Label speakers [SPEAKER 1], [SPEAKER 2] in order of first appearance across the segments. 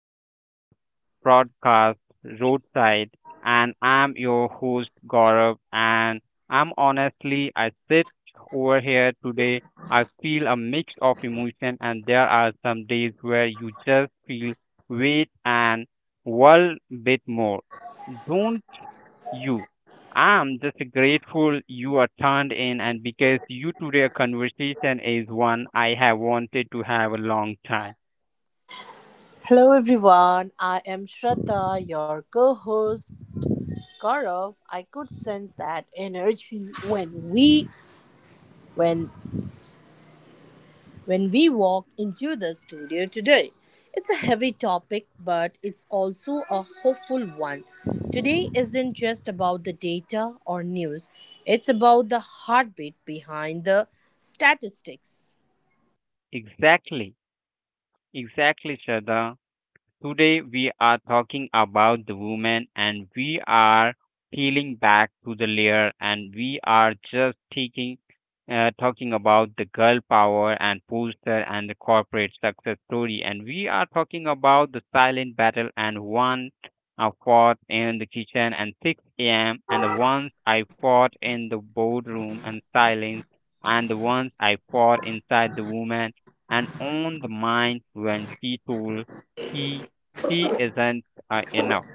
[SPEAKER 1] to our broadcast, Roadside. And I'm your host, Gaurav. And I'm honestly, I sit over here today. I feel a mix of emotion, and there are some days where you just feel weight and world bit more. Don't you? I'm just grateful you are turned in and because you today conversation is one I have wanted to have a long time.
[SPEAKER 2] Hello everyone, I am Shraddha, your co host. Gaurav, I could sense that energy when when we walked into the studio today. It's a heavy topic, but it's also a hopeful one. Today isn't just about the data or news, it's about the heartbeat behind the statistics.
[SPEAKER 1] Exactly. Exactly, Shada. Today we are talking about the woman, and we are peeling back to the layer, and we are just taking talking about the girl power and poster and the corporate success story, and we are talking about the silent battle and one I fought in the kitchen and 6 a.m. and the ones I fought in the boardroom and silence and the ones I fought inside the woman and on the mind when she told he safety isn't enough.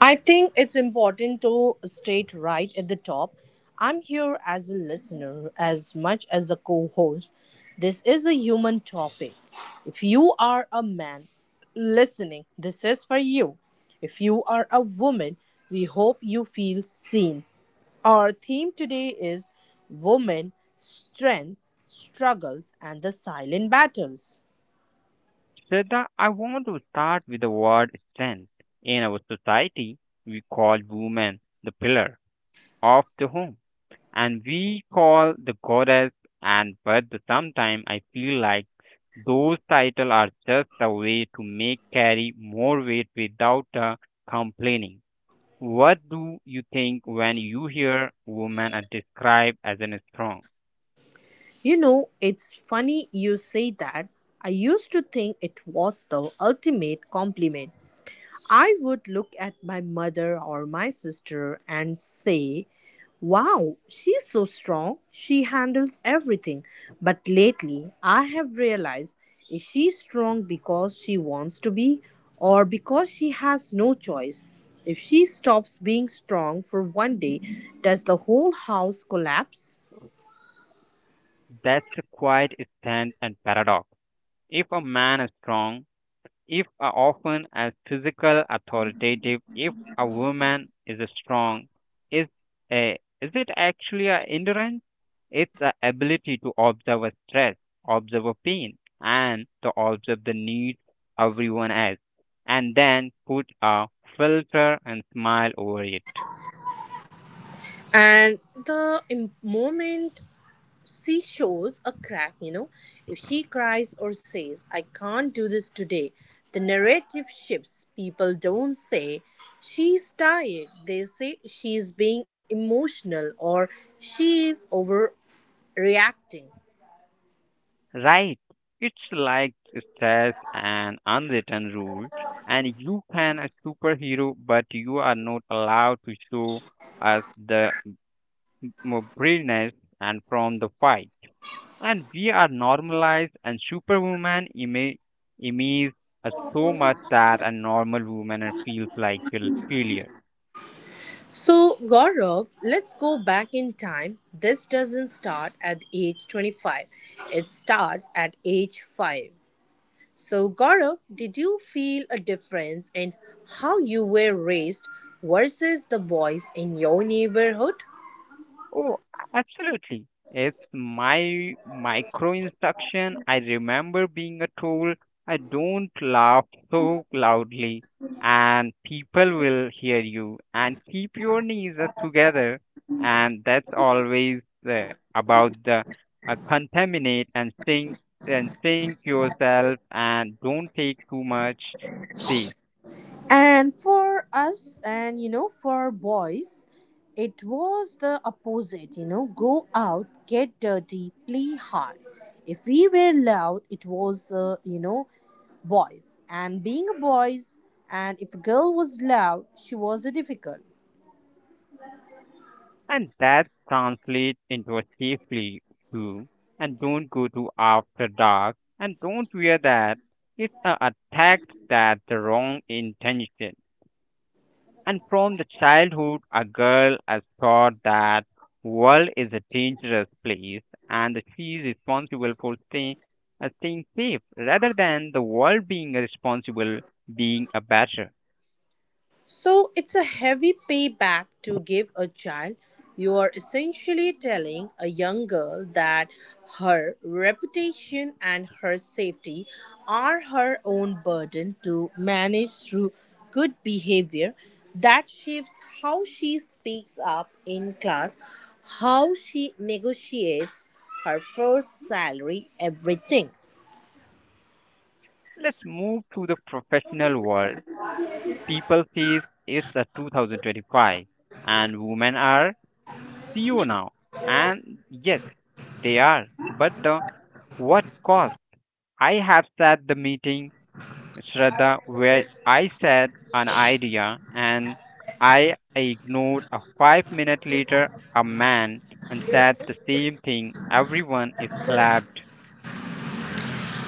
[SPEAKER 2] I think it's important to state right at the top. I'm here as a listener as much as a co host. This is a human topic. If you are a man listening, this is for you. If you are a woman, we hope you feel seen. Our theme today is Women, Strength, Struggles, and the Silent Battles.
[SPEAKER 1] Shraddha, I want to start with the word strength. In our society, we call women the pillar of the home, and we call the goddess, and but sometimes I feel like those titles are just a way to make carry more weight without complaining. What do you think when you hear women are described as an strong?
[SPEAKER 2] You know, it's funny you say that. I used to think it was the ultimate compliment. I would look at my mother or my sister and say, "Wow, she's so strong. She handles everything." But lately, I have realized, is she strong because she wants to be, or because she has no choice? If she stops being strong for 1 day, does the whole house collapse?
[SPEAKER 1] That's quite a stand and paradox. If a man is strong, if are often as physical authoritative, if a woman is strong, is a, is it actually a endurance, it's the ability to observe a stress, observe a pain, and to observe the needs everyone has, and then put a filter and smile over it.
[SPEAKER 2] And the moment she shows a crack, you know, if she cries or says, "I can't do this today," the narrative shifts. People don't say, "She's tired." They say, "She's being emotional," or "she is overreacting."
[SPEAKER 1] Right, it's like stress and unwritten rules, and you can a superhero but you are not allowed to show us the more brilliance and from the fight. And we are normalized and superwoman image us so much that a normal woman feels like a failure.
[SPEAKER 2] So, Gaurav, let's go back in time. This doesn't start at age 25, it starts at age 5. So, Gaurav, did you feel a difference in how you were raised versus the boys in your neighborhood?
[SPEAKER 1] Oh, absolutely. It's my micro instruction. I remember being a told I don't laugh so loudly and people will hear you and keep your knees together. And that's always about the contaminate and think yourself and don't take too much space.
[SPEAKER 2] And for us, and you know, for boys, it was the opposite. You know, go out, get dirty, play hard. If we were loud, it was, you know, boys. And being a boys, and if a girl was loud, she was a difficult.
[SPEAKER 1] And that translates into a safely too. And don't go to after dark. And don't wear that. It's a attack that the wrong intention. And from the childhood, a girl is taught that world is a dangerous place, and that she is responsible for staying safe, rather than the world being responsible, being a better.
[SPEAKER 2] So it's a heavy payback to give a child. You are essentially telling a young girl that her reputation and her safety are her own burden to manage through good behavior that shapes how she speaks up in class, how she negotiates her first salary, everything.
[SPEAKER 1] Let's move to the professional world. People says it's a 2025 and women are CEO now. And yes, they are. But the what cost? I have said the meeting, Shraddha, where I said an idea and I ignored a 5 minute later a man and said the same thing. Everyone is clapped.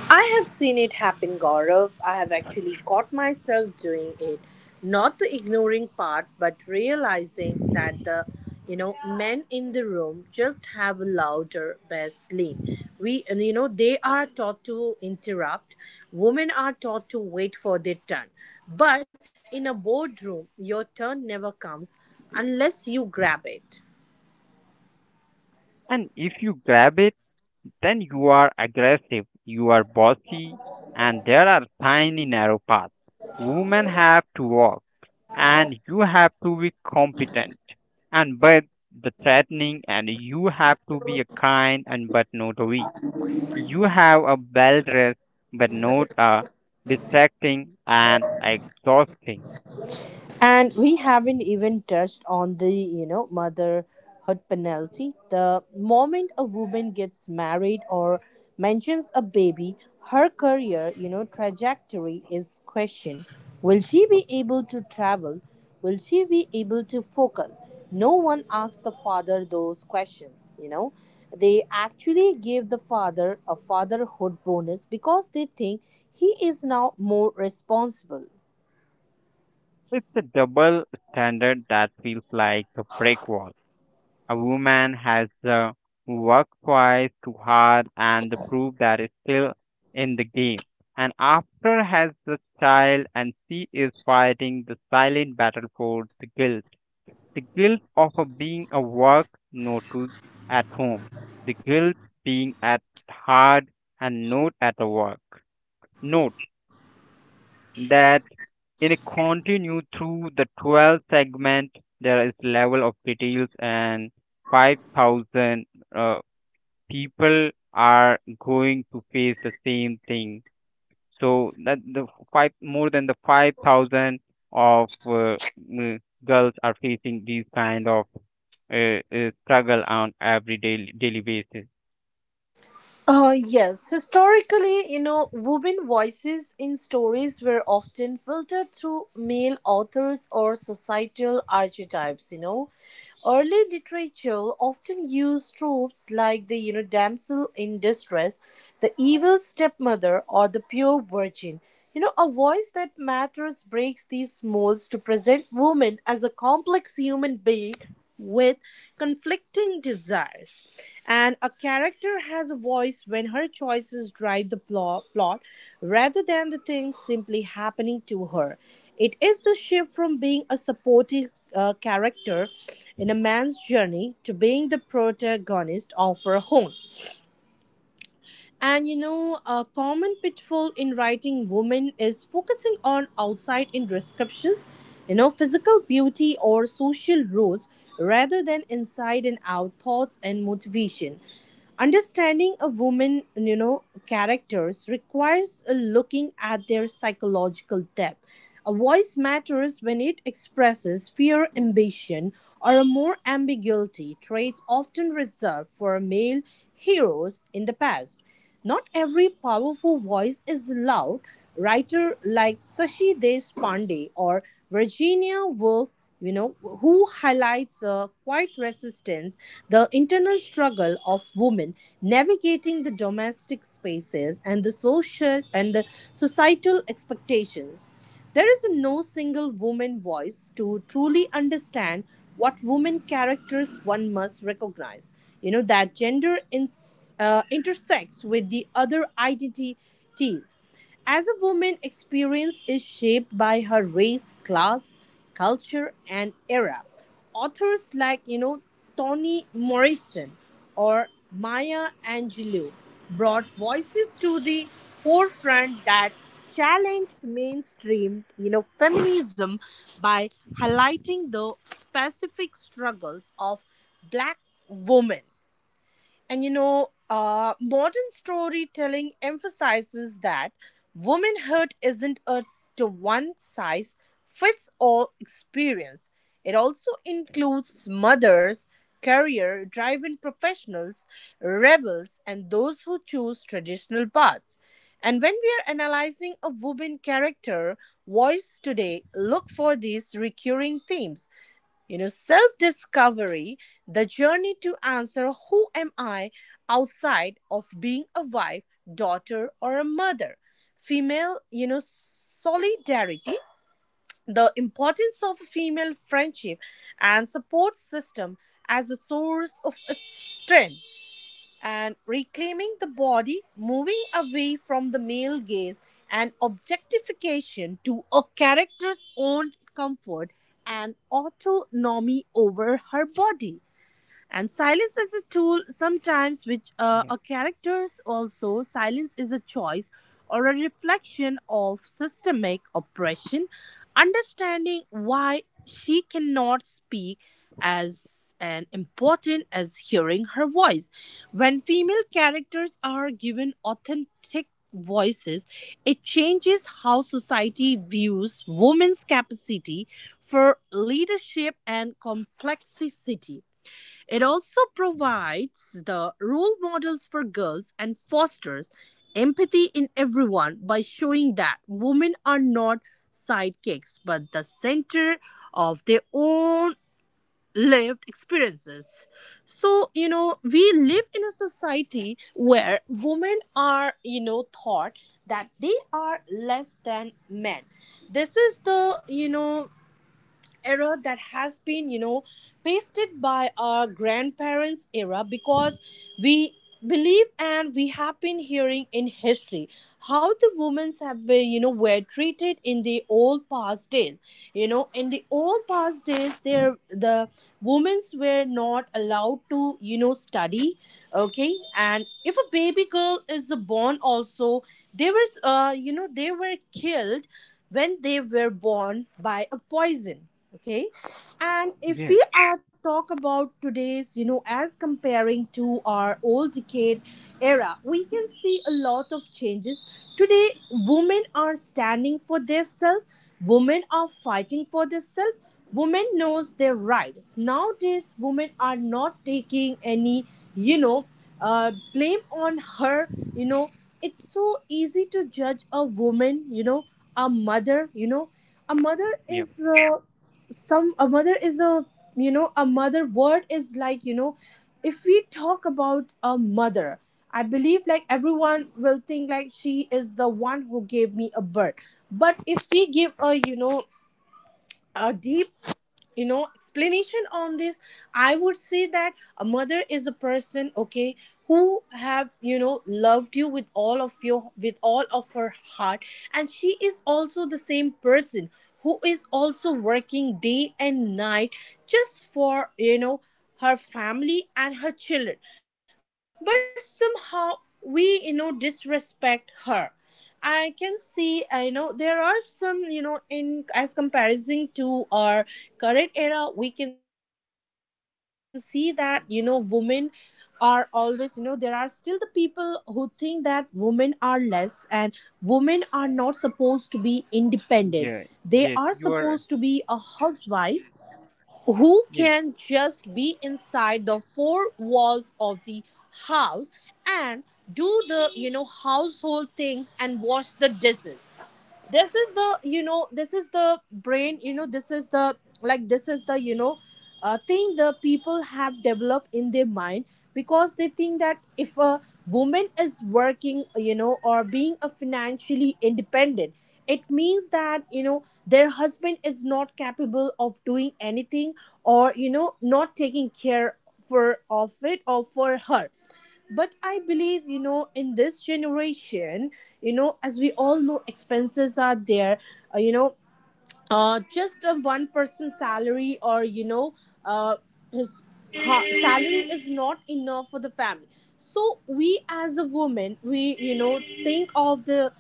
[SPEAKER 2] I have seen it happen, Gaurav. I have actually caught myself doing it. Not the ignoring part, but realizing that the, you know, men in the room just have a louder bass lean. We and, you know, they are taught to interrupt. Women are taught to wait for their turn. But in a boardroom, your turn never comes unless you grab it.
[SPEAKER 1] And if you grab it, then you are aggressive, you are bossy, and there are tiny narrow paths. Women have to walk, and you have to be competent, and but the threatening, and you have to be a kind and but not a weak. You have a well dressed but not a distracting and exhausting.
[SPEAKER 2] And we haven't even touched on the, you know, motherhood penalty. The moment a woman gets married or mentions a baby, her career, you know, trajectory is questioned. Will she be able to travel? Will she be able to focus? No one asks the father those questions, you know. They actually give the father a fatherhood bonus because they think he is now more responsible.
[SPEAKER 1] It's a double standard that feels like a brick wall. A woman has worked twice too hard and the proof that is still in the game. And after has the child, and she is fighting the silent battle for the guilt. The guilt of a being a work not to at home. The guilt being at hard and not at a work. Note that in a continue through the 12 segment there is level of details and 5,000 uh, people are going to face the same thing, so that the five more than the 5,000 of mm, girls are facing these kind of struggle on every daily basis.
[SPEAKER 2] Yes, historically, you know, women voices in stories were often filtered through male authors or societal archetypes, you know. Early literature often used tropes like the, you know, damsel in distress, the evil stepmother, or the pure virgin. You know, a voice that matters breaks these molds to present women as a complex human being with conflicting desires. And a character has a voice when her choices drive the plot rather than the things simply happening to her. It is the shift from being a supportive character in a man's journey to being the protagonist of her own. And you know, a common pitfall in writing women is focusing on outside in descriptions, you know, physical beauty or social roles rather than inside and out thoughts and motivation. Understanding a woman, you know, characters requires a looking at their psychological depth. A voice matters when it expresses fear, ambition, or a more ambiguity, traits often reserved for male heroes in the past. Not every powerful voice is loud. Writer like Sashi Deshpande or Virginia Woolf, you know, who highlights a quiet resistance, the internal struggle of women navigating the domestic spaces and the social and the societal expectations. There is no single woman voice to truly understand what women characters one must recognize. You know that gender ins intersects with the other identities. As a woman, experience is shaped by her race, class, culture, and era. Authors like, you know, Toni Morrison or Maya Angelou brought voices to the forefront that challenged mainstream, you know, feminism by highlighting the specific struggles of black women. And you know, modern storytelling emphasizes that womanhood isn't a to one size fits all experience. It also includes mothers, career driven professionals, rebels, and those who choose traditional paths. And when we are analyzing a woman character voice today, look for these recurring themes, you know, self discovery, the journey to answer who am I outside of being a wife, daughter, or a mother. Female, you know, solidarity, the importance of female friendship and support system as a source of strength, and reclaiming the body, moving away from the male gaze and objectification to a character's own comfort and autonomy over her body, and silence is a tool sometimes which
[SPEAKER 1] Yeah.
[SPEAKER 2] a characters also silence is a choice or a reflection of systemic oppression. Understanding why she cannot speak as an important as hearing her voice. When female characters are given authentic voices, it changes how society views women's capacity for leadership and complexity. It also provides the role models for girls and fosters empathy in everyone by showing that women are not sidekicks but the center of their own lived experiences. So, you know, we live in a society where women are, you know, thought that they are less than men. This is the, you know, era that has been, you know, pasted by our grandparents era, because we believe and we have been hearing in history how the women have been, you know, were treated in the old past days. You know, in the old past days there the women were not allowed to, you know, study. Okay, and if a baby girl is born also, they were, you know, they were killed when they were born by a poison. Okay, and if
[SPEAKER 1] Yeah.
[SPEAKER 2] we are talk about today's, you know, as comparing to our old decade era, we can see a lot of changes today. Women are standing for their self, women are fighting for their self, women knows their rights nowadays. Women are not taking any, you know, blame on her, you know. It's so easy to judge a woman, you know, a mother, you know. A mother
[SPEAKER 1] Yeah.
[SPEAKER 2] is some a mother is a you know, a mother word is like, you know, if we talk about a mother, I believe like everyone will think like she is the one who gave me a birth. But if we give a, you know, a deep, you know, explanation on this, I would say that a mother is a person, okay, who have, you know, loved you with all of her heart, and she is also the same person who is also working day and night just for, you know, her family and her children. But somehow we, you know, disrespect her. I can see, I know there are some, you know, in as comparison to our current era we can see that, you know, women are always, you know, there are still the people who think that women are less and women are not supposed to be independent. They are
[SPEAKER 1] Yeah.
[SPEAKER 2] supposed to be
[SPEAKER 1] Yes,
[SPEAKER 2] a
[SPEAKER 1] you are.
[SPEAKER 2] housewife, who can just
[SPEAKER 1] Yes.
[SPEAKER 2] be inside the four walls of the house and do the, you know, household things and wash the dishes. This is the, you know, this is the brain, you know, this is the like this is the you know, thing the people have developed in their mind, because they think that if a woman is working, you know, or being a financially independent, it means that, you know, their husband is not capable of doing anything or, you know, not taking care for of it or for her. But I believe, you know, in this generation, you know, as we all know expenses are there, you know, just a one person salary or, you know, uh, his salary is not enough for the family. So we as a woman, we, you know, think of the,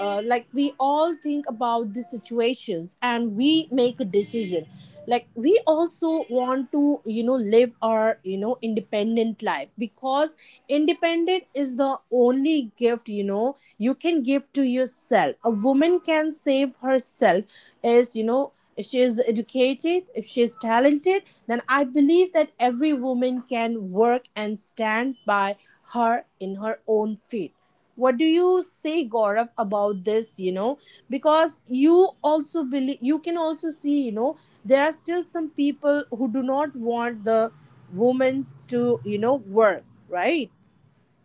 [SPEAKER 2] like we all think about the situations and we make a decision, like we also want to, you know, live our, you know, independent life. Because independent is the only gift, you know, you can give to yourself. A woman can save herself is, you know, if she is educated, if she is talented, then I believe that every woman can work and stand by her in her own feet. What do you say, Gaurav, about this, you know, because you also believe, you can also see, you know, there are still some people who do not want the women's to, you know, work, right?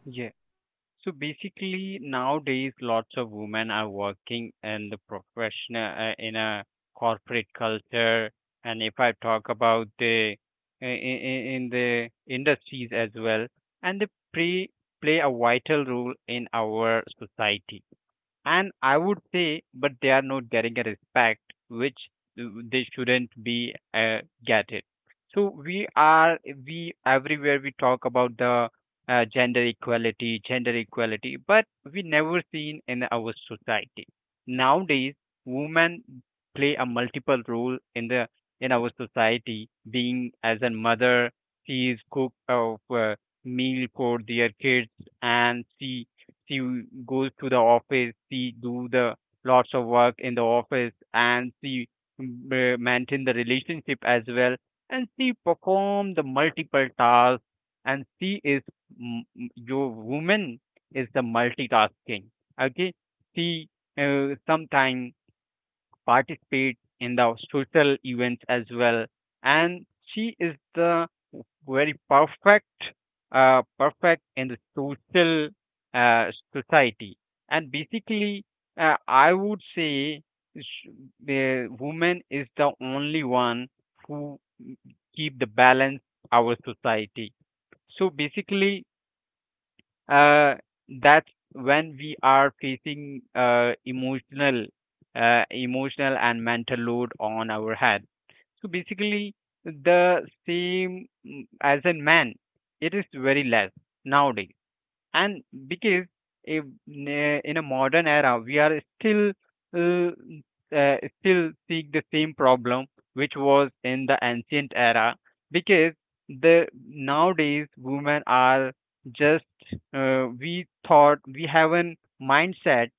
[SPEAKER 1] Yeah. So basically, nowadays, lots of women are working in the professional in a corporate culture, and if I talk about the in the industries as well, and they play play a vital role in our society. And I would say, but they are not getting a respect which uh, they shouldn't be get it. So we everywhere we talk about the gender equality, but we never seen in our society. Nowadays, women play a multiple role in the in our society, being as a mother, she is cook of meal for their kids, and she goes to the office, she do the lots of work in the office, and she maintain the relationship as well, and she perform the multiple tasks, and she is m- your woman is the multitasking. Okay, she sometime participate in the social events as well, and she is the very perfect perfect in the social uh, society. And basically, I would say sh- the woman is the only one who keep the balance our society. So basically, uh, that's when we are facing emotional and mental load on our head. So basically, the same as in man, it is very less nowadays. And because if, in a modern era we are still uh, still seeing the same problem which was in the ancient era. Because the nowadays women are just, we thought we have an mindset,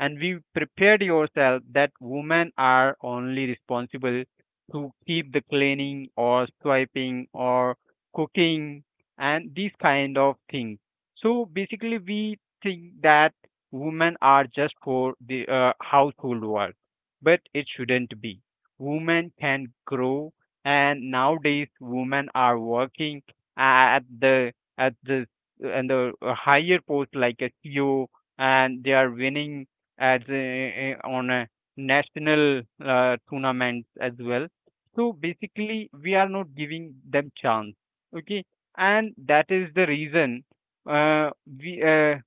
[SPEAKER 1] and we prepared yourself that women are only responsible to keep the cleaning or swiping or cooking and these kind of things. So basically, we think that women are just for the household work, but it shouldn't be. Women can grow, and nowadays women are working at the at the and the higher post like a CEO, and they are winning as a, on a national tournament as well. So basically, we are not giving them chance. Okay, and that is the reason Äh, wie, äh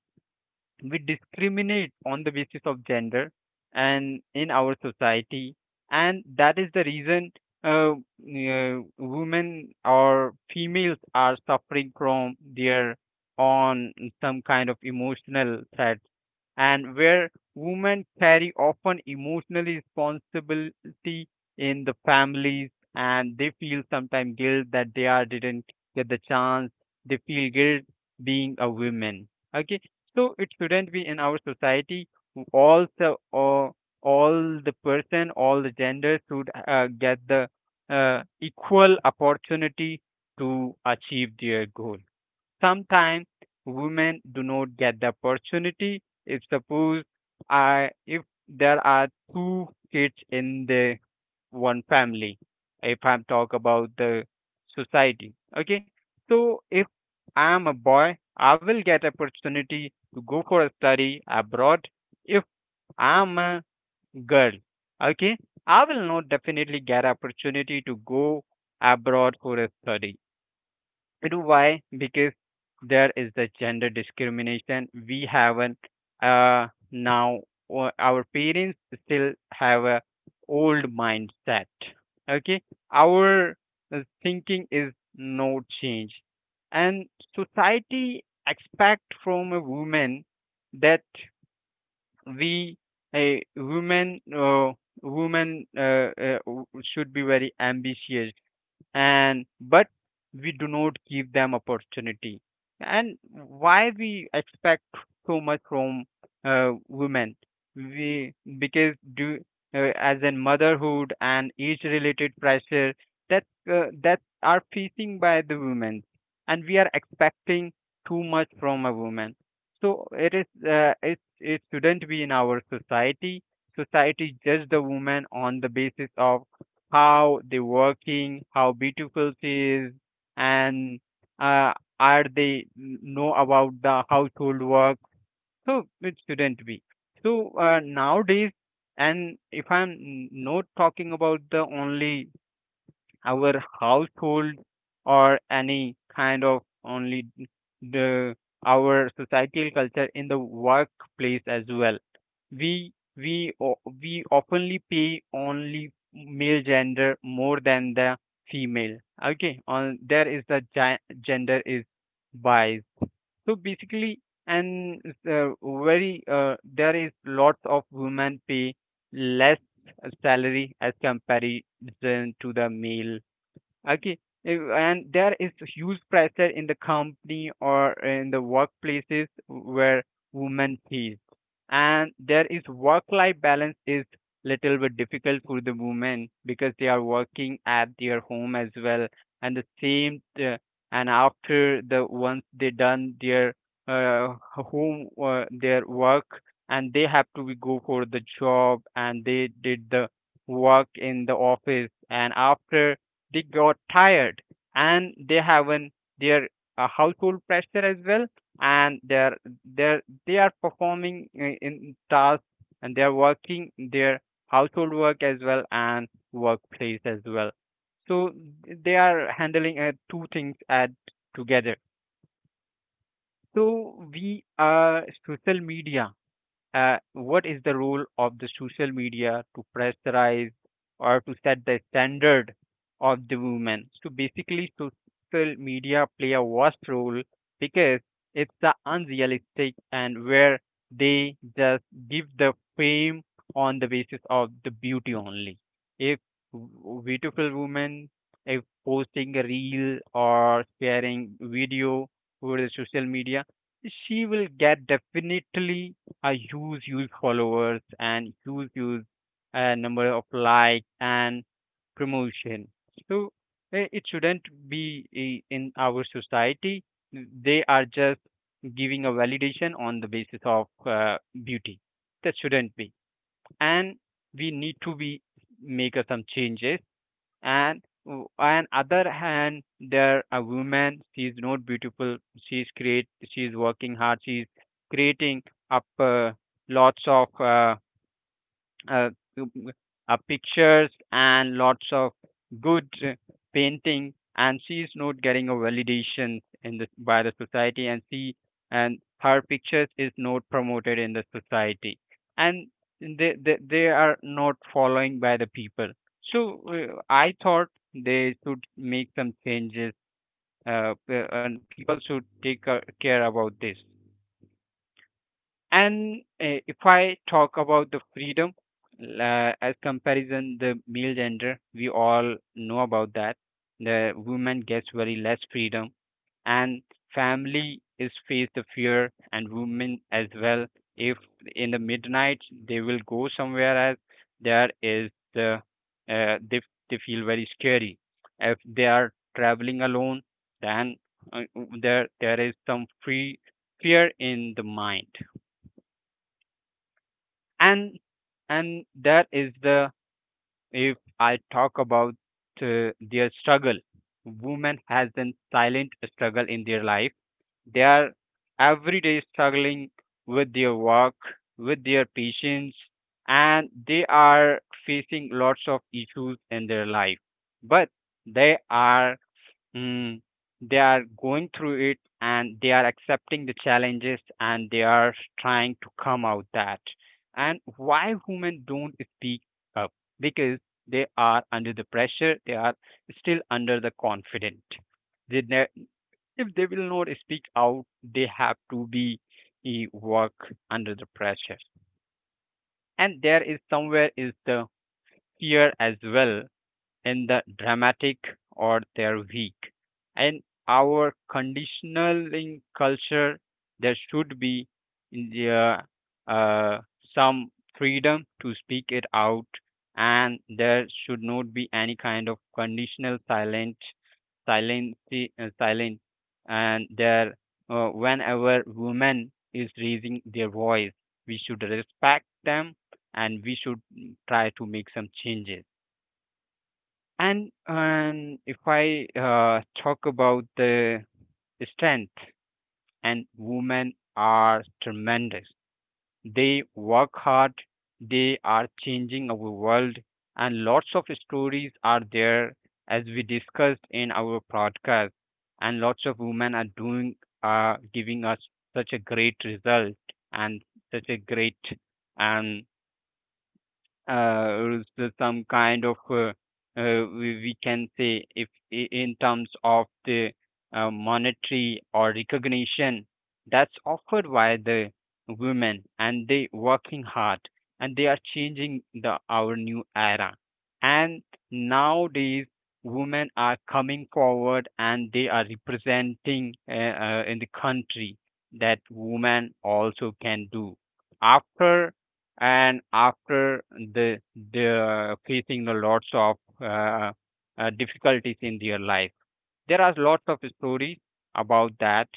[SPEAKER 1] we discriminate on the basis of gender and in our society. And that is the reason women or females are suffering from their on some kind of emotional threat. And where women carry often emotional responsibility in the families, and they feel sometimes guilt that they are didn't get the chance, they feel guilt being a woman. Okay, so it shouldn't be in our society. Who All all the person, all the genders should get the equal opportunity to achieve their goal. Sometimes women do not get the opportunity. If suppose I if there are two kids in the one family, if I'm talk about the society, okay. So if I am a boy, I will get opportunity to go for a study abroad. If I am a girl, okay, I will not definitely get opportunity to go abroad for a study. You know why? Because there is the gender discrimination. We haven't now. Or Our parents still have a old mindset. Okay, our thinking is no change, and society expect from a woman that we a woman should be very ambitious, and but we do not give them opportunity. And why we expect so much from women? We because do as in motherhood and age related pressure that that are facing by the women, and we are expecting too much from a woman. So it is it shouldn't be in our society. Society judge the woman on the basis of how they working, how beautiful she is, and uh, are they know about the household work? So it shouldn't be. So nowadays, and if I'm not talking about the only our household or any kind of only the our societal culture, in the workplace as well, we oftenly pay only male gender more than the female. Okay, on there is the gender is bias. So basically, and uh, very there is lots of women pay less salary as comparison to the male. Okay. And there is huge pressure in the company or in the workplaces where women face. And there is work-life balance is little bit difficult for the women because they are working at their home as well. And the same, and after the once they done their their work, and they have to be go for the job, and they did the work in the office. And after they got tired, and they haven't their household pressure as well, and they are performing in tasks, and they're working their household work as well and workplace as well. So they are handling two things at together. So we, social media, what is the role of the social media to pressurize or to set the standard of the women? So basically, social media play a vast role because it's the unrealistic, and where they just give the fame on the basis of the beauty only. If beautiful woman, if posting a reel or sharing video over the social media, she will get definitely a huge, huge followers and huge, huge number of likes and promotion. So it shouldn't be in our society. They are just giving a validation on the basis of beauty. That shouldn't be. And we need to be make some changes and on other hand there a woman. She is not beautiful, she's create, she's working hard, she's creating up lots of uh, um, pictures and lots of good painting, and she is not getting a validation in the by the society, and she and her pictures is not promoted in the society, and they are not following by the people. So I thought they should make some changes, and people should take care about this. And if I talk about the freedom as comparison, the male gender, we all know about that. The woman gets very less freedom, and family is face the fear, and women as well. If in the midnight they will go somewhere else, there is the uh, they they feel very scary. If they are traveling alone, then uh, there is some free fear in the mind. And that is the, if I talk about their struggle, women has a silent struggle in their life. They are every day struggling with their work, with their patients, and they are facing lots of issues in their life. But they are, Mm, they are going through it, and they are accepting the challenges, and they are trying to come out that. And why women don't speak up? Because they are under the pressure, they are still under the confident. They ne- if they will not speak out, they have to be work under the pressure. And there is somewhere is the fear as well, in the dramatic or they're weak. And our conditioning culture, there should be in the, uh, uh, some freedom to speak it out, and there should not be any kind of conditional silent, silent, silent. And there, whenever women is raising their voice, we should respect them, and we should try to make some changes. And if I talk about the strength, and women are tremendous. They work hard, they are changing our world, and lots of stories are there as we discussed in our podcast. And lots of women are doing, giving us such a great result, and such a great um, is there some kind of we can say if in terms of the monetary or recognition that's offered by the women, and they working hard, and they are changing the our new era. And nowadays women are coming forward and they are representing in the country that women also can do, after and after the facing the lots of difficulties in their life. There are lots of stories about that.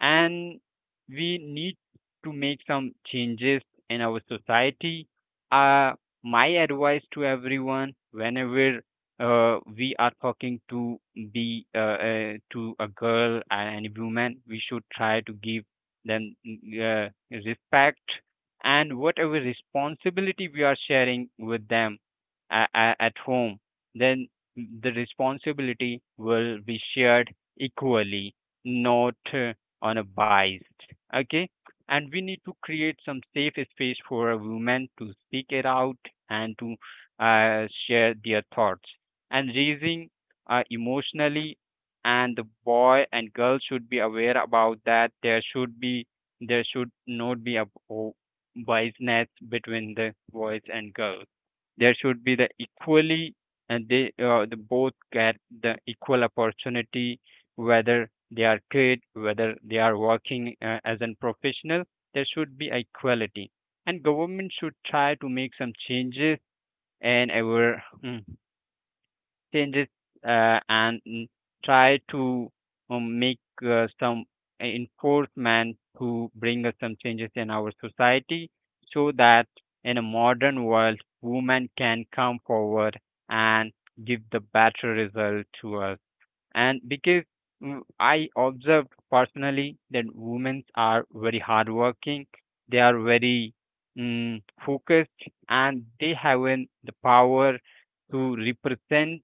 [SPEAKER 1] And we need to make some changes in our society. Uh, my advice to everyone, whenever we are talking to be to a girl and a woman, we should try to give them respect, and whatever responsibility we are sharing with them a- at home, then the responsibility will be shared equally, not unbiased, okay. And we need to create some safe space for a woman to speak it out, and to share their thoughts and raising emotionally. And the boy and girl should be aware about that, there should be, there should not be a o- biasness between the boys and girls, there should be the equally, and they the both get the equal opportunity, whether they are paid, whether they are working as a professional, there should be equality. And government should try to make some changes and our changes and try to make some enforcement to bring us some changes in our society, so that in a modern world, women can come forward and give the better result to us. And because I observed personally that women are very hardworking, they are very focused, and they have an, the power to represent,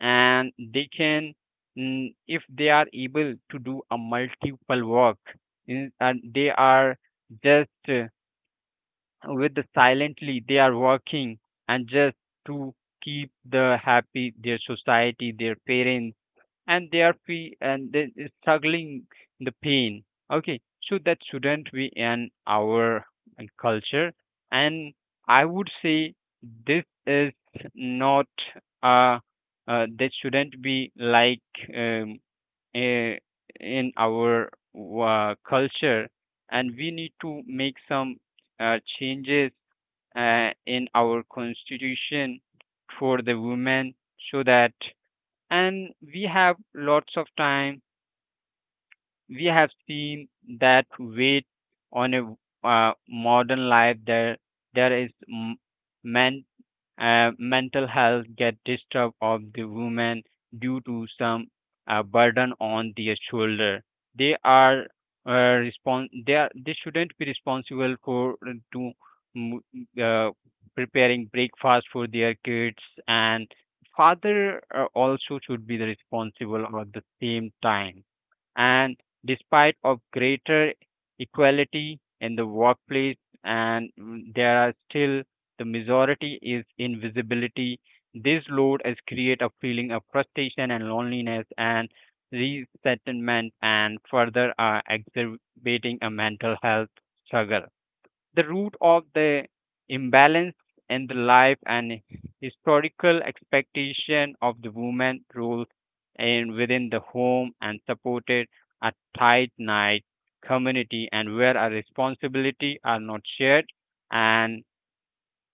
[SPEAKER 1] and they can, if they are able to do a multiple work in, and they are just with the silently they are working, and just to keep the happy their society their parents, and they are free and they is struggling the pain, okay, so that shouldn't be in our culture. And I would say this is not uh, that shouldn't be like um, uh, in our culture, and we need to make some changes in our constitution for the women. So that, and we have lots of time we have seen that weight on a modern life, there is men mental health get disturbed of the women due to some burden on their shoulder. They are, uh, they are, they shouldn't be responsible for to mm, uh, preparing breakfast for their kids, and father also should be the responsible at the same time. And despite of greater equality in the workplace, and there are still the majority is invisibility. This load is create a feeling of frustration and loneliness and resettlement, and further are exacerbating a mental health struggle, the root of the imbalance in the life, and historical expectation of the woman role in within the home and supported a tight knit community, and where our responsibility are not shared. And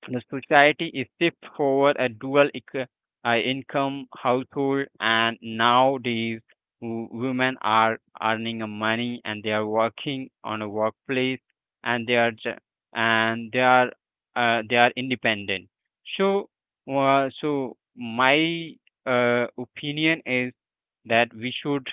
[SPEAKER 1] the society is shift forward a dual income household, and nowadays women are earning a money, and they are working on a workplace, and they are ju- and they are independent. So, so my opinion is that we should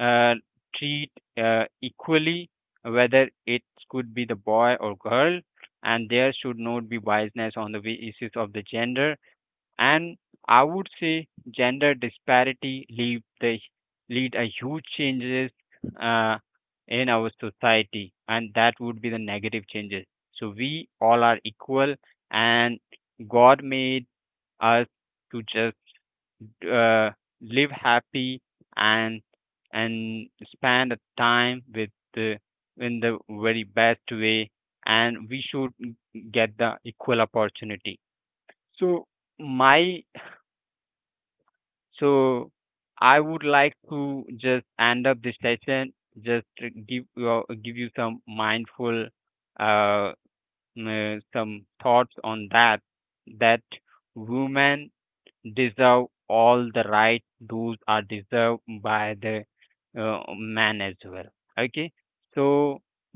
[SPEAKER 1] uh, treat equally, whether it could be the boy or girl, and there should not be biasness on the basis of the gender. And I would say gender disparity lead a huge changes uh, in our society, and that would be the negative changes. So we all are equal, and god made us to just uh, live happy, and and spend the time with the in the very best way, and we should get the equal opportunity. So my, so I would like to just end up this session, just to give you some mindful uh, some thoughts on that, that women deserve all the right dues are deserved by the man as well, okay. So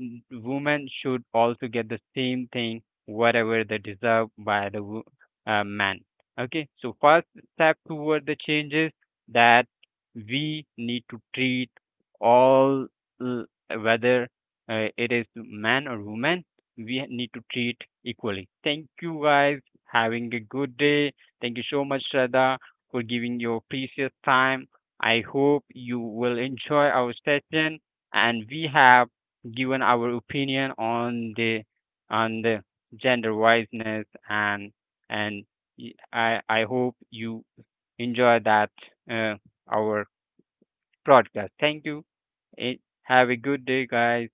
[SPEAKER 1] women should also get the same thing whatever they deserve by the man, okay. So first step toward the changes, that we need to treat all uh, whether it is man or woman, we need to treat equally. Thank you guys, having a good day. Thank you so much, Shraddha, for giving your precious time. I hope you will enjoy our session, and we have given our opinion on the on the gender wiseness, and and I hope you enjoy that uh, our broadcast. Thank you. Eh, Have a good day, guys.